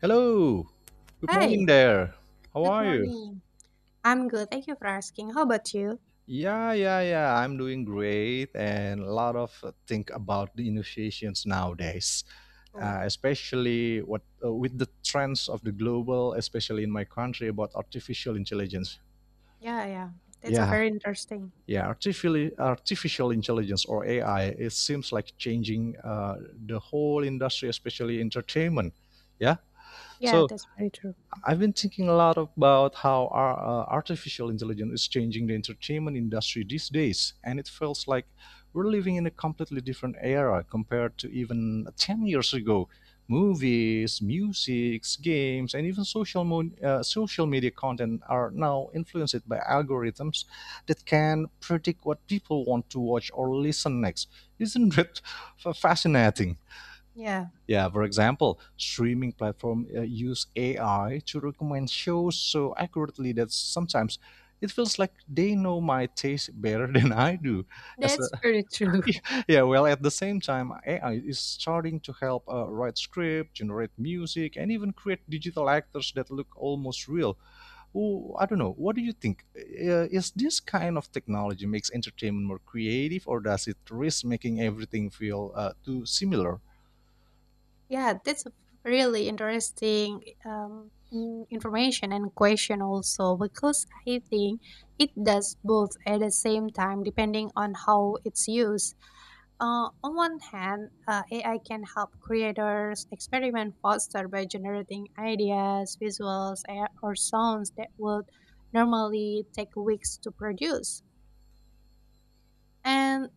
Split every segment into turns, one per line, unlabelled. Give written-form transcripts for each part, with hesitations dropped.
Hello. Good
Hi,
morning there. How
good
are you?
morning. I'm good. Thank you for asking. How about you?
Yeah, yeah, yeah. I'm doing great and a lot of think about the innovations nowadays,
Oh,
especially what with the trends of the global, especially in my country about artificial intelligence.
yeah, yeah. That's a
Yeah,
very interesting.
yeah. Artificial intelligence or AI. It seems like changing the whole industry, especially entertainment. Yeah.
Yeah,
So
that's very true.
I've been thinking a lot about how our, artificial intelligence is changing the entertainment industry these days, and it feels like we're living in a completely different era compared to even 10 years ago. Movies, music, games, and even social media content are now influenced by algorithms that can predict what people want to watch or listen next. Isn't it fascinating?
Yeah,
Yeah, for example, streaming platform use AI to recommend shows so accurately that sometimes it feels like they know my taste better than I do. As a,
that's very true.
yeah, well, at the same time, AI is starting to help write script, generate music, and even create digital actors that look almost real. Ooh, I don't know. What do you think? Is this kind of technology makes entertainment more creative, or does it risk making everything feel too similar?
Yeah, that's a really interesting information and question also, because I think it does both at the same time depending on how it's used. On one hand, AI can help creators experiment faster by generating ideas, visuals, or sounds that would normally take weeks to produce. And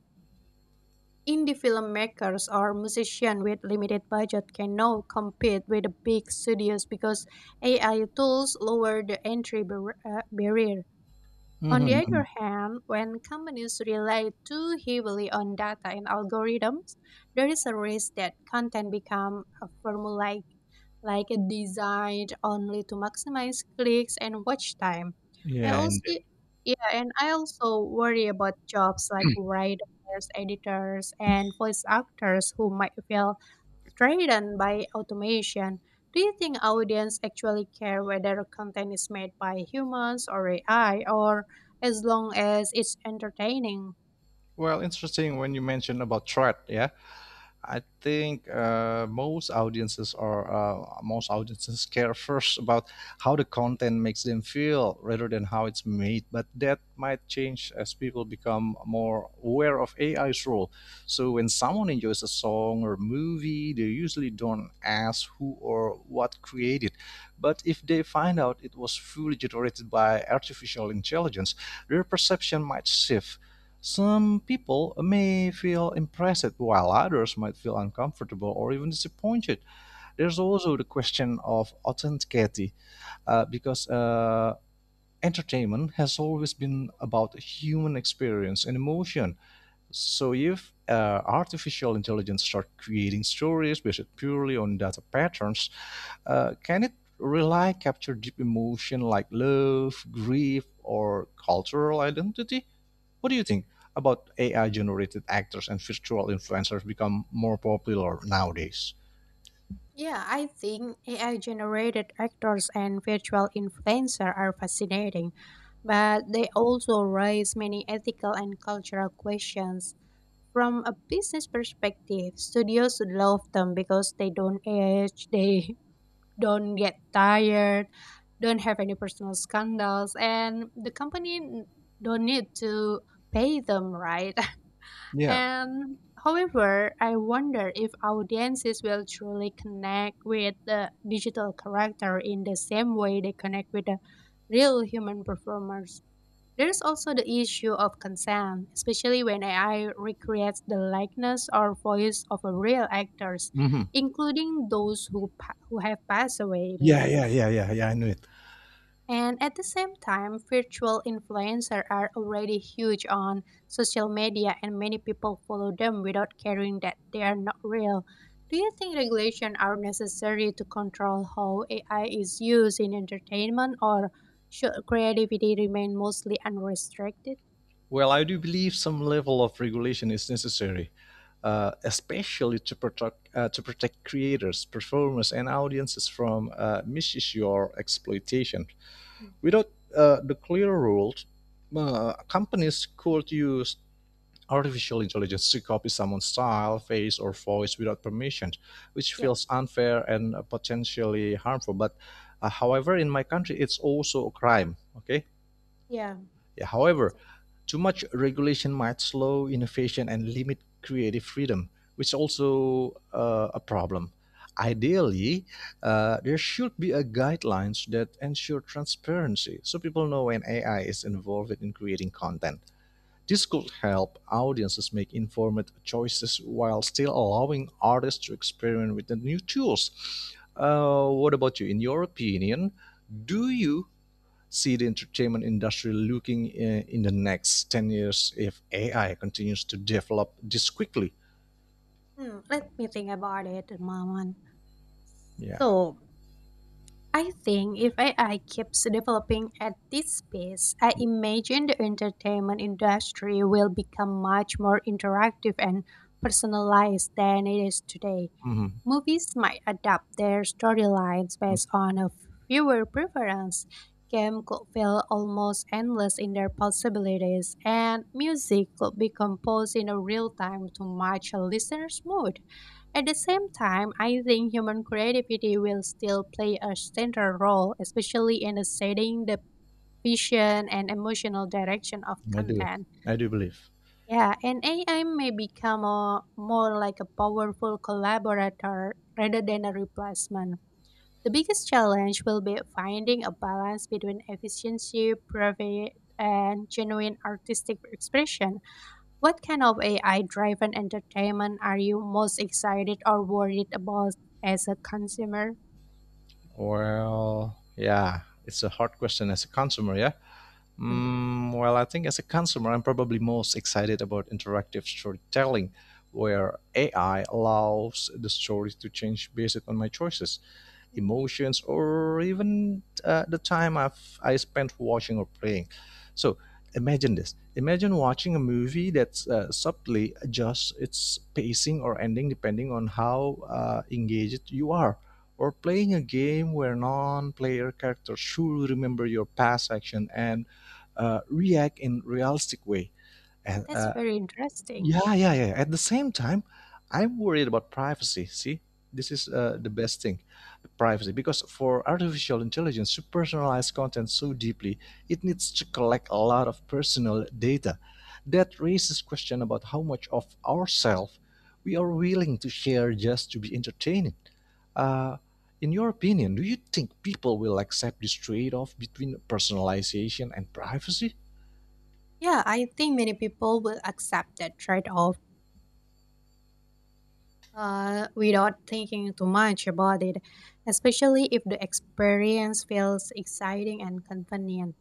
indie filmmakers or musicians with limited budget can now compete with the big studios because AI tools lower the barrier. On
Mhm,
the other
mhm.
hand, when companies rely too heavily on data and algorithms, there is a risk that content become a formulaic, like a design only to maximize clicks and watch time. I
Yeah, and
also, yeah, and I also worry about jobs like writers, editors, and voice actors who might feel rather by automation. Do you think audience actually care whether content is made by humans or AI, or as long as it's entertaining?
well, interesting when you mentioned about threat. Yeah, I think most audiences care first about how the content makes them feel rather than how it's made. But that might change as people become more aware of AI's role. So when someone enjoys a song or movie, they usually don't ask who or what created. But if they find out it was fully generated by artificial intelligence, their perception might shift. Some people may feel impressed while others might feel uncomfortable or even disappointed. There's also the question of authenticity because entertainment has always been about human experience and emotion. So if artificial intelligence start creating stories based purely on data patterns, can it rely capture deep emotion like love, grief, or cultural identity? What do you think about AI generated actors and virtual influencers become more popular nowadays?
Yeah, I think AI generated actors and virtual influencers are fascinating, but they also raise many ethical and cultural questions. From a business perspective, studios love them because they don't age, they don't get tired, don't have any personal scandals, and don't need to pay them, right?
Yeah.
And however, I wonder if audiences will truly connect with the digital character in the same way they connect with the real human performers. There's also the issue of consent, especially when AI recreates the likeness or voice of a real actors,
Hmm.
including who have passed away
Yeah,
maybe.
yeah, yeah, yeah, yeah. I knew it.
And at the same time, virtual influencers are already huge on social media and many people follow them without caring that they are not real. Do you think regulation are necessary to control how AI is used in entertainment, or should creativity remain mostly unrestricted?
Well, I do believe some level of regulation is necessary, especially to protect creators, performers, and audiences from misuse or exploitation.
Mm.
Without the clear rules, companies could use artificial intelligence to copy someone's style, face, or voice without permission, which
Yeah,
feels unfair and potentially harmful. But however, in my country, it's also a crime. Okay,
yeah,
yeah,
that's
however,
a,
too much regulation might slow innovation and limit creative freedom, which is also a problem. Ideally, there should be a guidelines that ensure transparency, so people know when AI is involved in creating content. This could help audiences make informed choices while still allowing artists to experiment with the new tools. What about you? In your opinion, do you see the entertainment industry looking in the next 10 years if AI continues to develop this quickly?
Hmm, let me think about it a moment.
Yeah.
So, I think if AI keeps developing at this pace, I imagine the entertainment industry will become much more interactive and personalized than it is today.
Mhm.
Movies might adapt their storylines
Mhm.
based on a viewer preference. Game could feel almost endless in their possibilities, and music could be composed in a real time to match a listener's mood. At the same time, I think human creativity will still play a central role, especially in the setting, the vision, and emotional direction of
I do.
content.
I do believe.
Yeah, and AI may become a, more like a powerful collaborator rather than a replacement. The biggest challenge will be finding a balance between efficiency, profit, and genuine artistic expression. What kind of AI driven entertainment are you most excited or worried about as a consumer?
Well, yeah, it's a hard question as a consumer, yeah?
Mhm.
Mm, well, I think as a consumer, I'm probably most excited about interactive storytelling where AI allows the story to change based on my choices,
Mhm.
emotions or even the time I spent watching or playing. So imagine this. Imagine watching a movie that subtly adjusts its pacing or ending depending on how engaged you are, or playing a game where non player characters should remember your past action and react in realistic way.
Yeah,
And,
that's
uh,
very interesting.
yeah, yeah, yeah. At the same time, I'm worried about privacy. See, this is the
Yeah,
best thing, privacy, because for artificial intelligence to personalize content so deeply, it needs to collect a lot of personal data. That raises question about how much of ourselves we are willing to share just to be entertaining. Uh, in your opinion, do you think people will accept this trade-off between personalization and privacy?
yeah, I think many people will accept that trade off without thinking too much about it, especially if the experience feels exciting and convenient.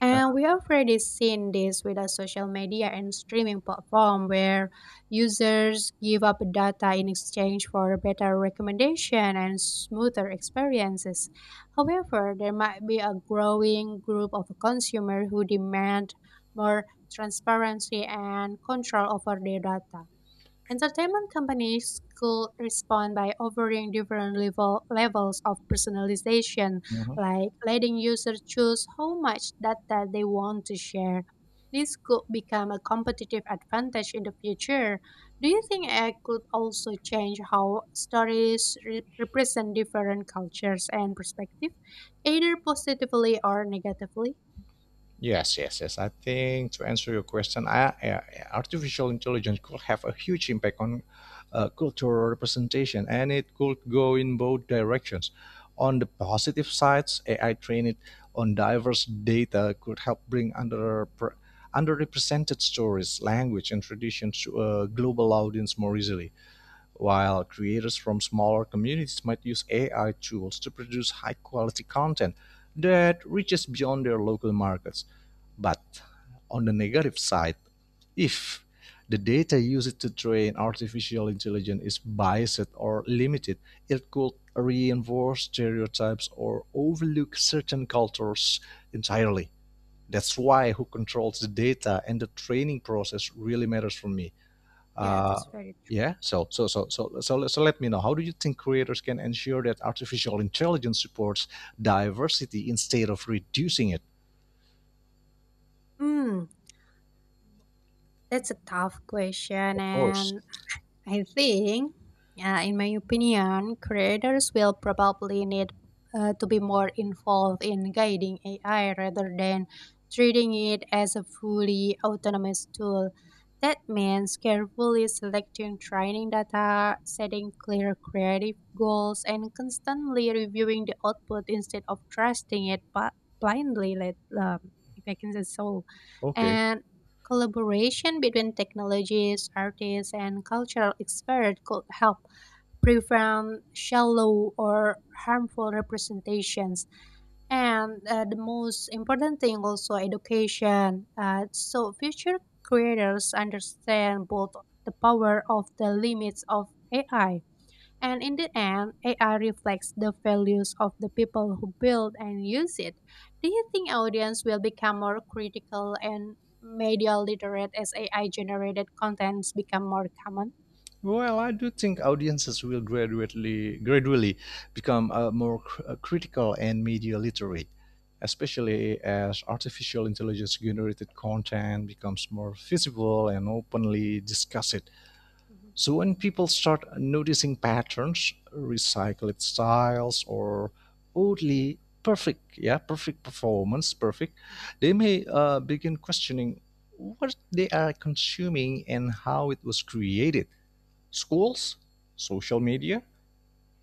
And we have already seen this with a social media and streaming platform where users give up data in exchange for better recommendation and smoother experiences. However, there might be a growing group of consumers who demand more transparency and control over their data. Entertainment companies could respond by offering different levels of personalization, like letting users choose how much data they want to share. This could become a competitive advantage in the future. Do you think AI could also change how stories represent different cultures and perspectives, either positively or negatively?
Yes, yes, yes. I think to answer your question, artificial intelligence could have a huge impact on cultural representation, and it could go in both directions. On the positive sides, AI trained on diverse data could help bring underrepresented stories, language, and traditions to a global audience more easily. While creators from smaller communities might use AI tools to produce high quality content that reaches beyond their local markets. But on the negative side, if the data used to train artificial intelligence is biased or limited, it could reinforce stereotypes or overlook certain cultures entirely. That's why who controls the data and the training process really matters for me.
Yeah,
Uh,
that's very
yeah, so let me know. How do you think creators can ensure that artificial intelligence supports diversity instead of reducing it?
Hmm, that's a tough question,
Of course.
and I think, in my opinion, creators will probably need to be more involved in guiding AI rather than treating it as a fully autonomous tool. That means carefully selecting training data, setting clear creative goals, and constantly reviewing the output instead of trusting it blindly, let, um, if I can say so.
Okay.
And collaboration between technologists, artists, and cultural experts could help prevent shallow or harmful representations. And the most important thing also education. So future creators understand both the power of the limits of AI, and in the end, AI reflects the values of the people who build and use it. Do you think audience will become more critical and media literate as AI generated contents become more common?
Well, I do think audiences will gradually become more critical and media literate, especially as artificial intelligence generated content becomes more visible and openly discussed.
Mhm.
So, when people start noticing patterns, recycled styles, or perfect performance, perfect, they may begin questioning what they are consuming and how it was created. Schools, social media,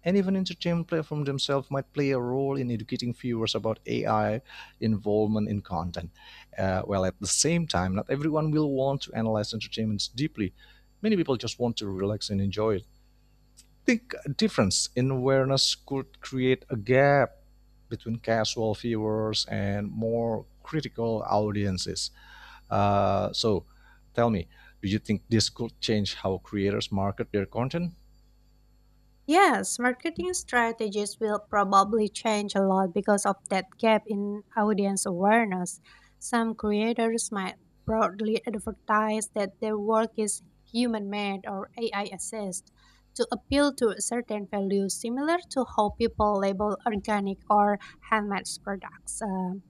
and even entertainment platforms themselves might play a role in educating viewers about AI involvement in content. While at the same time, not everyone will want to analyze entertainments deeply. Many people just want to relax and enjoy it. I think a difference in awareness could create a gap between casual viewers and more critical audiences. So, tell me, do you think this could change how creators market their content?
Yes, marketing strategies will probably change a lot because of that gap in audience awareness. Some creators might broadly advertise that their work is human made or AI assist to appeal to certain values, similar to how people label organic or handmade products.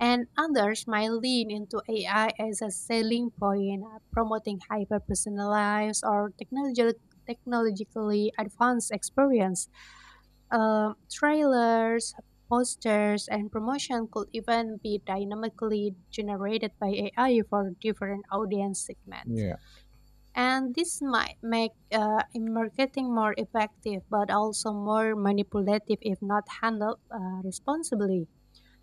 And others might lean into AI as a selling point, promoting hyper personalized or technologically advanced experience. Trailers, posters, and promotion could even be dynamically generated by AI for different audience segments.
Yeah.
And this might make marketing more effective, but also more manipulative if not handled responsibly.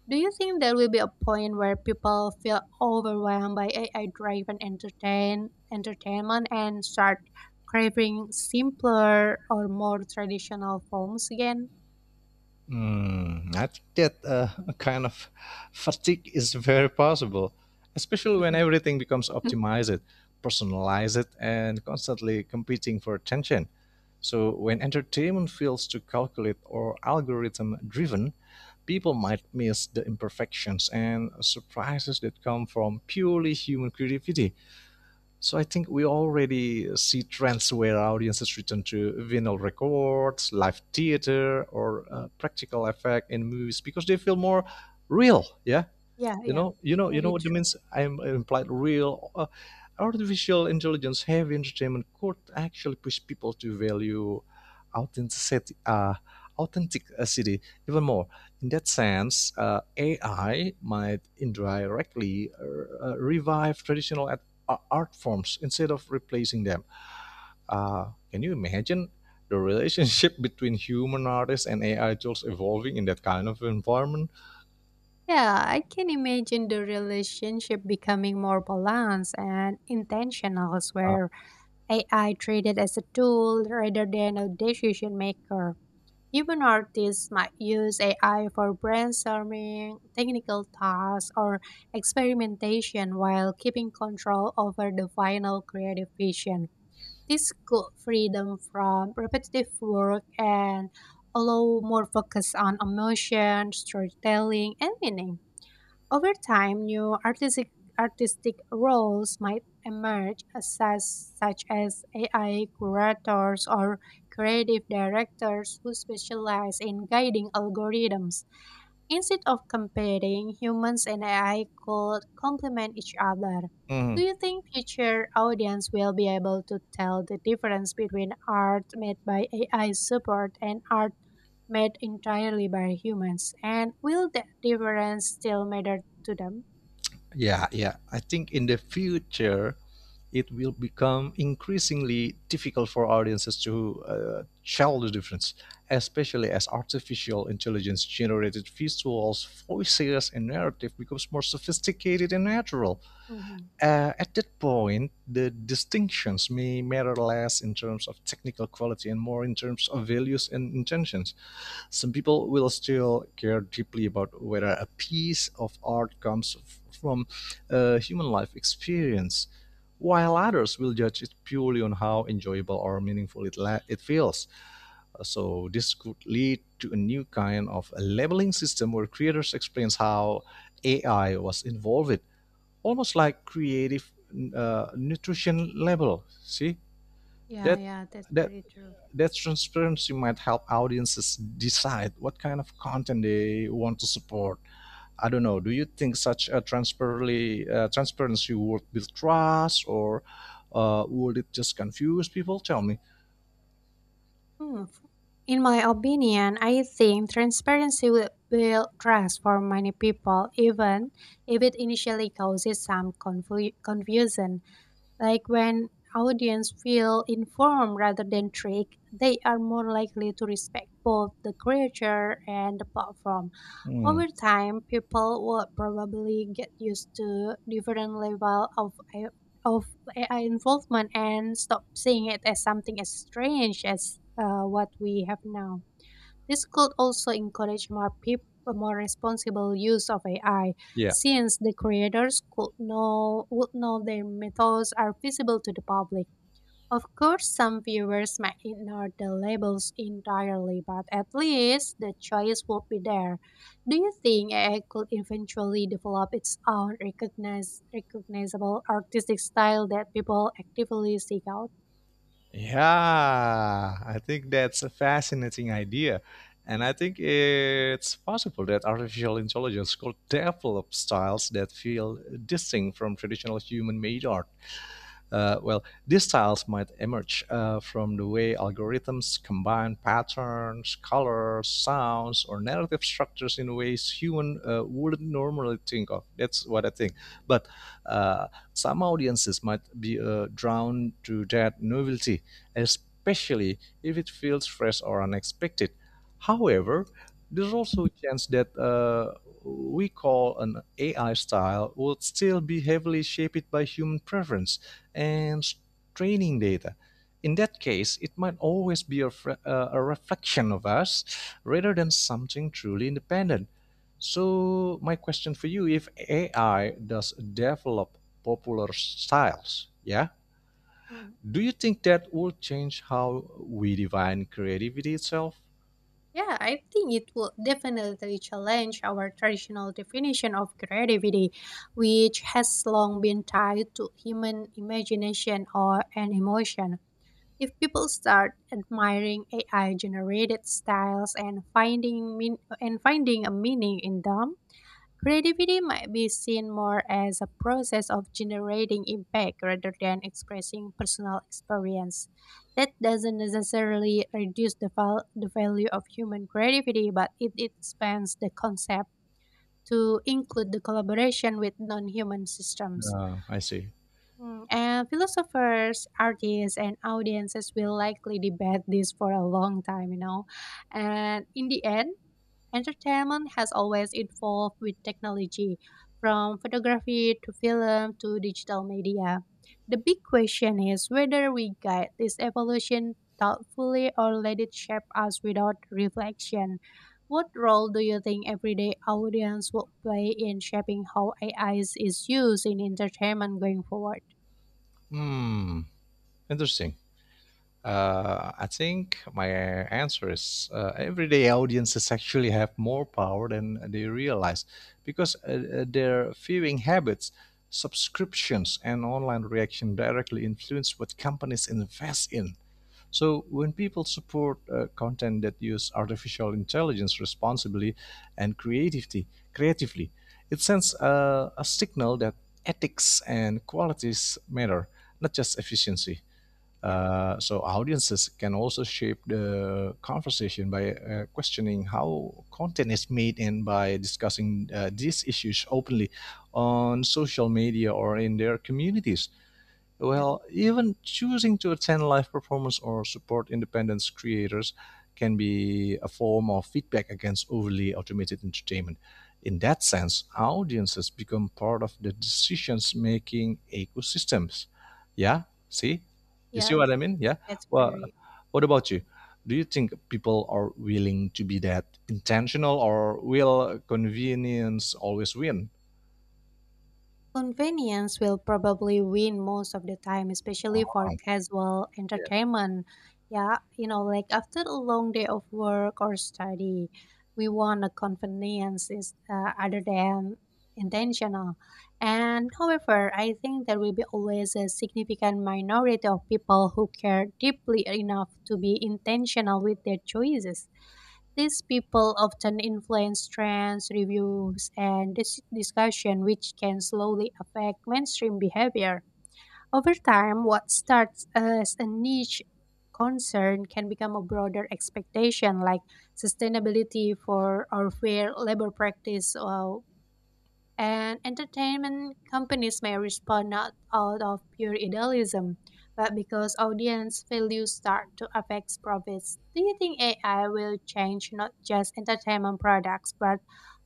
Do you think there will be a point where people feel overwhelmed by AI driven entertainment and start craving simpler or more traditional forms again?
Mm, I think that a kind of fatigue is very possible, especially when everything becomes optimized, personalized, and constantly competing for attention. So, when entertainment feels too calculate or algorithm driven, people might miss the imperfections and surprises that come from purely human creativity. So I think we already see trends where audiences return to vinyl records, live theater, or practical effect in movies because they feel more real. Yeah,
Yeah, yeah.
you know
Very
what it
true.
means. I'm implied real artificial intelligence heavy entertainment could actually push people to value authenticity, uh, authenticity even more. In that sense, AI might indirectly revive traditional art forms instead of replacing them. Can you imagine the relationship between human artists and AI tools evolving in that kind of environment?
Yeah, I can imagine the relationship becoming more balanced and intentional,
Uh,
where AI treated as a tool rather than a decision maker. Even artists might use AI for brainstorming, technical tasks, or experimentation while keeping control over the final creative vision. This could free them from repetitive work and allow more focus on emotion, storytelling, and meaning. Over time, new artistic roles might emerge, such as AI curators or creative directors who specialize in guiding algorithms. Instead of competing, humans and AI could complement each other. Do
mm-hmm.
you think future audience will be able to tell the difference between art made by AI support and art made entirely by humans? And will that difference still matter to them?
Yeah, yeah. I think in the future, it will become increasingly difficult for audiences to tell the difference, especially as artificial intelligence generated visuals, voices, and narrative becomes more sophisticated and natural.
Mhm.
At that point, the distinctions may matter less in terms of technical quality and more in terms of values and intentions. Some people will still care deeply about whether a piece of art comes from a human life experience, while others will judge it purely on how enjoyable or meaningful it feels. So this could lead to a new kind of a labeling system where creators explain how AI was involved, almost like creative nutrition label. See,
Yeah,
that
yeah, that's
that
very true.
that transparency might help audiences decide what kind of content they want to support. I don't know. Do you think such a transparency would build trust, or would it just confuse people? Tell me.
Hmm, in my opinion, I think transparency will build trust for many people, even if it initially causes some confusion. Like when audience feel informed rather than tricked, they are more likely to respect both the creator and the platform.
Hmm.
Over time, people will probably get used to different level of AI of AI involvement and stop seeing it as something as strange as what we have now. This could also encourage more people, more responsible use of AI,
Yeah.
since the creators could know would know their methods are visible to the public. Of course, some viewers might ignore the labels entirely, but at least the choice would be there. Do you think AI could eventually develop its own recognizable artistic style that people actively seek out?
Yeah, I think that's a fascinating idea. And
Mhm.
I think
Thank
it's possible that artificial intelligence could develop styles that feel distinct from traditional human made art. Well, these styles might emerge from the way algorithms combine patterns, colors, sounds, or narrative structures in ways human wouldn't normally think of. That's what I think. But uh, some audiences might be drawn to that novelty, especially if it feels fresh or unexpected. However, there's also a chance that we call an AI style would still be heavily shaped by human preference and training data. In that case, it might always be a reflection of us rather than something truly independent. So, my question for you if AI does develop popular styles, yeah,
Mhm.
do you think that will change how we define creativity itself?
Yeah, I think it will definitely challenge our traditional definition of creativity, which has long been tied to human imagination or an emotion. If people start admiring AI generated styles and finding a meaning in them, creativity might be seen more as a process of generating impact rather than expressing personal experience. That doesn't necessarily reduce the value of human creativity, but it expands the concept to include the collaboration with non human systems.
I see.
Mm, and philosophers, artists, and audiences will likely debate this for a long time, you know. And in the end, entertainment has always evolved with technology, from photography to film to digital media. The big question is whether we guide this evolution thoughtfully or let it shape us without reflection. What role do you think everyday audience will play in shaping how AI is used in entertainment going forward?
Hmm, interesting. I think my answer is everyday audiences actually have more power than they realize because their viewing habits, subscriptions, and online reaction directly influence what companies invest in. So when people support content that use artificial intelligence responsibly and creatively, it sends a signal that ethics and qualities matter, not just efficiency.
Yeah,
So audiences can also shape the conversation by questioning how content is made and by discussing these issues openly on social media or in their communities,
yeah,
well, even choosing to attend live performance or support independent creators can be a form of feedback against overly automated entertainment. In that sense, audiences become part of the decisions making ecosystems. Yeah, see? You see
yeah.
what I mean? Yeah.
That's
Well,
very
what about you? Do you think people are willing to be that intentional or will convenience always win?
Convenience will probably win most of the time,
Um,
especially for casual
yeah.
entertainment. Yeah, you know, like after a long day of work or study, we want a convenience is other than intentional. And however, I think there will be always a significant minority of people who care deeply enough to be intentional with their choices. These people often influence trends, reviews, and discussion, which can slowly affect mainstream behavior. Over time, what starts as a niche concern can become a broader expectation, like sustainability for or fair labor practice, and entertainment companies may respond not out of pure idealism, but because audience values start to affect profits. Do you think AI will change not just entertainment products, but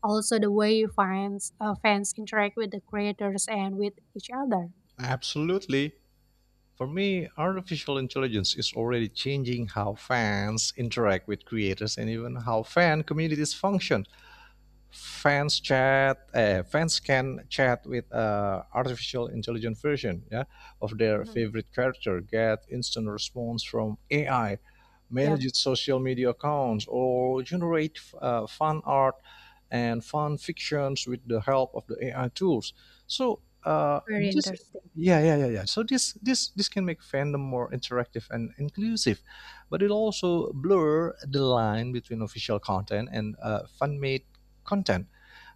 also the way fans interact with the creators and with each other?
Absolutely. For me, artificial intelligence is already changing how fans interact with creators and even how fan communities function. Fans can chat with artificial intelligent version, yeah, of their
Mhm.
favorite character, get instant response from AI, manage
Yep,
its social media accounts, or generate fan art and fun fictions with the help of the AI tools. So
very
this
interesting.
Yeah. So this can make fandom more interactive and inclusive, but it also blur the line between official content and fan-made content.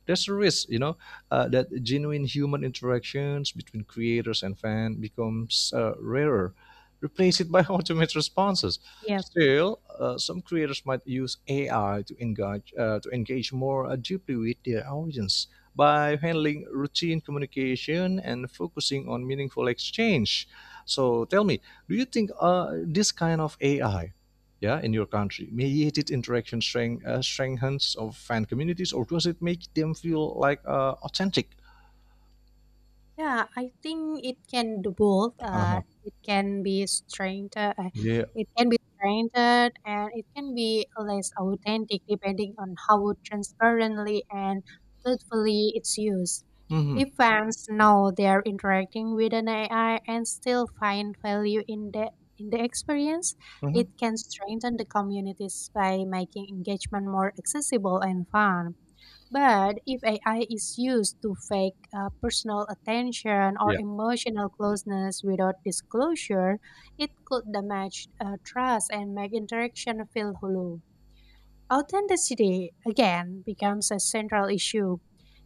There's a risk, you know, that genuine human interactions between creators and fans becomes rarer, replace it by automated responses.
Yep.
Still, some creators might use AI to engage to engage more deeply with their audience by handling routine communication and focusing on meaningful exchange. So tell me, do you think this kind of AI, yeah, in your country, mediated interaction strengthens of fan communities, or does it make them feel like authentic?
Yeah, I think it can do both.
Uh-huh. Yeah.
It can be strengthened, and it can be less authentic depending on how transparently and truthfully it's used.
Hmm.
If fans know they're interacting with an AI and still find value in the experience, it
Hmm.
can strengthen the communities by making engagement more accessible and fun. But if AI is used to fake personal attention or
Yeah.
emotional closeness without disclosure, it could damage trust and make interaction feel hollow. Authenticity, again, becomes a central issue.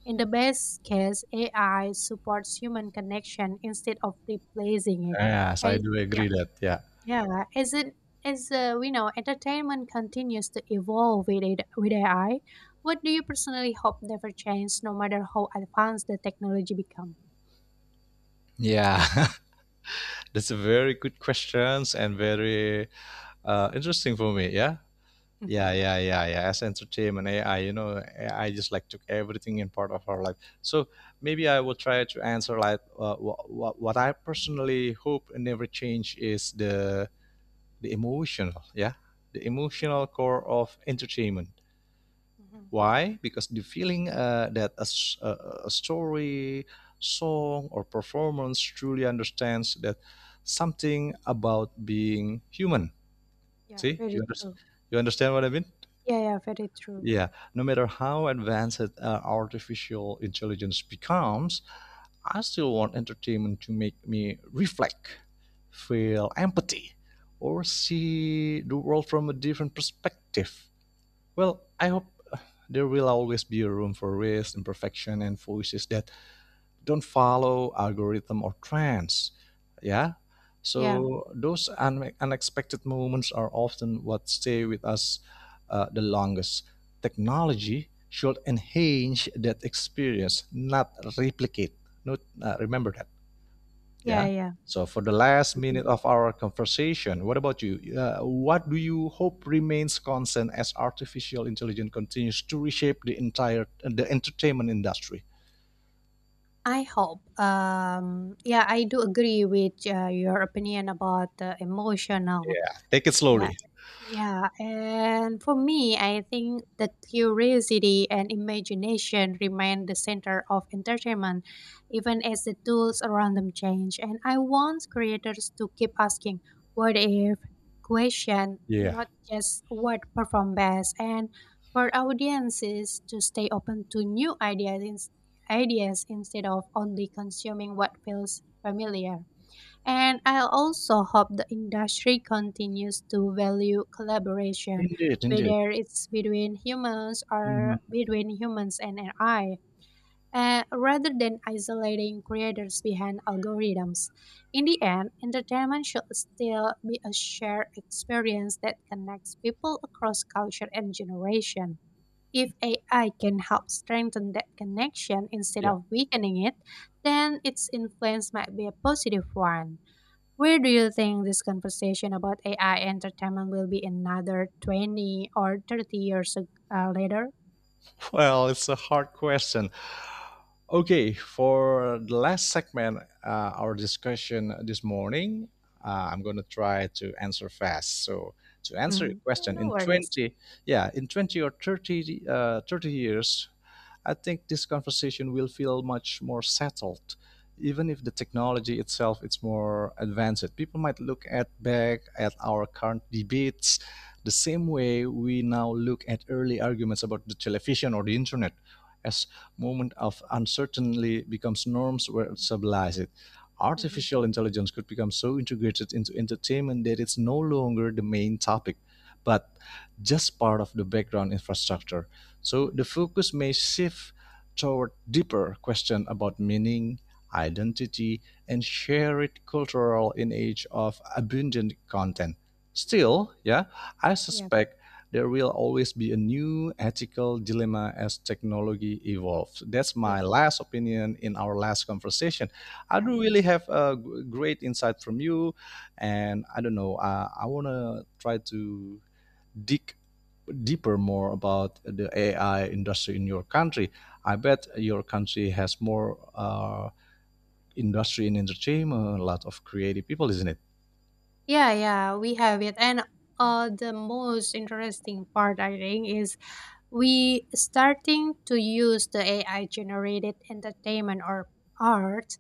In the best case, AI supports human connection instead of replacing it.
Yes, I
As,
do
yeah,
agree that. Yeah.
yeah, as it as we know, entertainment continues to evolve with it, with AI. What do you personally hope never changes, no matter how advanced the technology become?
Yeah, that's a very good questions and very interesting for me. Yeah. Yeah, yeah, yeah, yeah. As entertainment AI, you know, AI just like took everything in part of our life. So maybe I will try to answer like what I personally hope never change is the emotional, yeah, the emotional core of entertainment.
Mm-hmm.
Why? Because the feeling that a story, song, or performance truly understands that something about being human.
Yeah,
See, you
very
understand?
true.
You understand what I mean?
Yeah, yeah, very true.
Yeah. No matter how advanced artificial intelligence becomes, I still want entertainment to make me reflect, feel empathy, or see the world from a different perspective. Well, I hope uh, there will always be a room for risk, imperfection, and voices that don't follow algorithm or trends. Yeah.
Yeah,
So those unexpected moments are often what stay with us the longest. Technology should enhance that experience, not replicate, not remember that.
yeah,
Yeah.
yeah.
So for the last
Agree.
minute of our conversation, what about you? What do you hope remains constant as artificial intelligence continues to reshape the entertainment industry?
I hope. Yeah, I do agree with your opinion about the emotional.
Yeah, take it
Yeah,
slowly.
yeah. And for me, I think that curiosity and imagination remain the center of entertainment, even as the tools around them change. And I want creators to keep asking what if question,
Yeah,
not just what perform best, and for audiences to stay open to new ideas, ideas instead of only consuming what feels familiar. And I also hope the industry continues to value collaboration,
indeed, indeed.
whether it's between humans or
Mhm.
between humans and AI, rather than isolating creators behind algorithms. In the end, entertainment should still be a shared experience that connects people across culture and generation. If AI can help strengthen that connection instead
Yeah.
of weakening it, then its influence might be a positive one. Where do you think this conversation about AI entertainment will be another 20 or 30 years later?
Well, it's a hard question. Okay, for the last segment, our discussion this morning, I'm going to try to answer fast. So, to answer your
Mhm. Yeah,
question,
no
in
worries.
20, yeah, in 20 or 30 years, I think this conversation will feel much more settled. Even if the technology itself is more advanced, people might look at back at our current debates the same way we now look at early arguments about the television or the internet, as moment of uncertainty becomes norms where it stabilizes it.
Mhm,
Artificial intelligence could become so integrated into entertainment that it's no longer the main topic, but just part of the background infrastructure. So
mhm.
the focus may shift toward deeper questions about meaning, identity, and shared cultural in age of abundant content. Still, yeah, I
Yeah,
suspect there will always be a new ethical dilemma as technology evolves. That's
yeah.
my last opinion in our last conversation. I
And
do really have a great insight from you, and I don't know. I want to try to dig deeper more about the AI industry in your country. I bet your country has more industry in entertainment, a lot of creative people, isn't it?
yeah, yeah, we have it. And the most interesting part, I think, is we starting to use the AI generated entertainment or art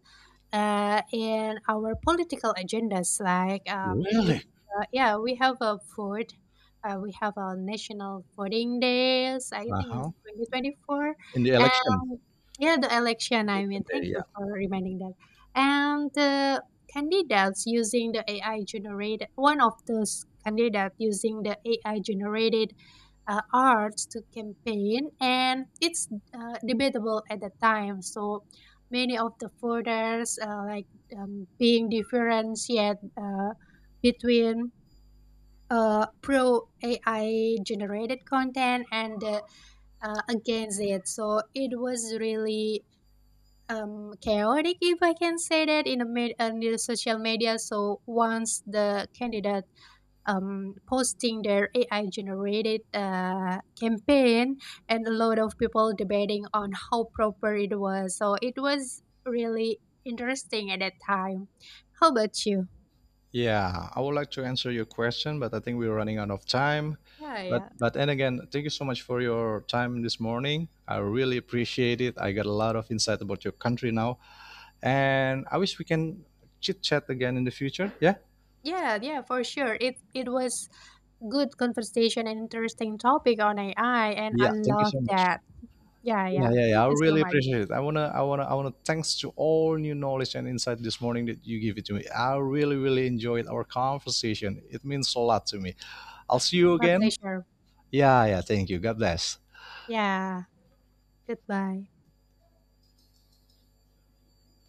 in our political agendas. Like
Really?
yeah, we have a food. We have a national voting days. I
Uh
think
huh.
it's 2024,
In the election,
and yeah, the election. I mean, thank
yeah.
you for reminding that. And the candidates using the AI generated. One of those candidates using the AI generated arts to campaign, and it's debatable at the time. So many of the voters being differentiated between pro AI generated content and against it. So it was really chaotic, if I can say that, in the, in the social media. So once the candidate posting their AI generated campaign and a lot of people debating on how proper it was. So it was really interesting at that time. How about you?
Yeah, I would like to answer your question, but I think we're running out of time.
Yeah,
But
yeah.
but and again, thank you so much for your time this morning. I really appreciate it. I got a lot of insight about your country now, and I wish we can chit chat again in the future. Yeah.
Yeah, yeah, for sure. It was good conversation and interesting topic on AI, and I
Yeah. Thank you
love
so much.
that. Yeah,
Yeah,
yeah.
yeah, yeah.
Thank
I
you so
really
much.
appreciate it. I wanna. Thanks to all new knowledge and insight this morning that you give it to me. I really, really enjoyed our conversation. It means a lot to me. I'll
Yeah.
see you
My
again.
pleasure.
Yeah, yeah. Thank you. God bless.
Yeah. Goodbye.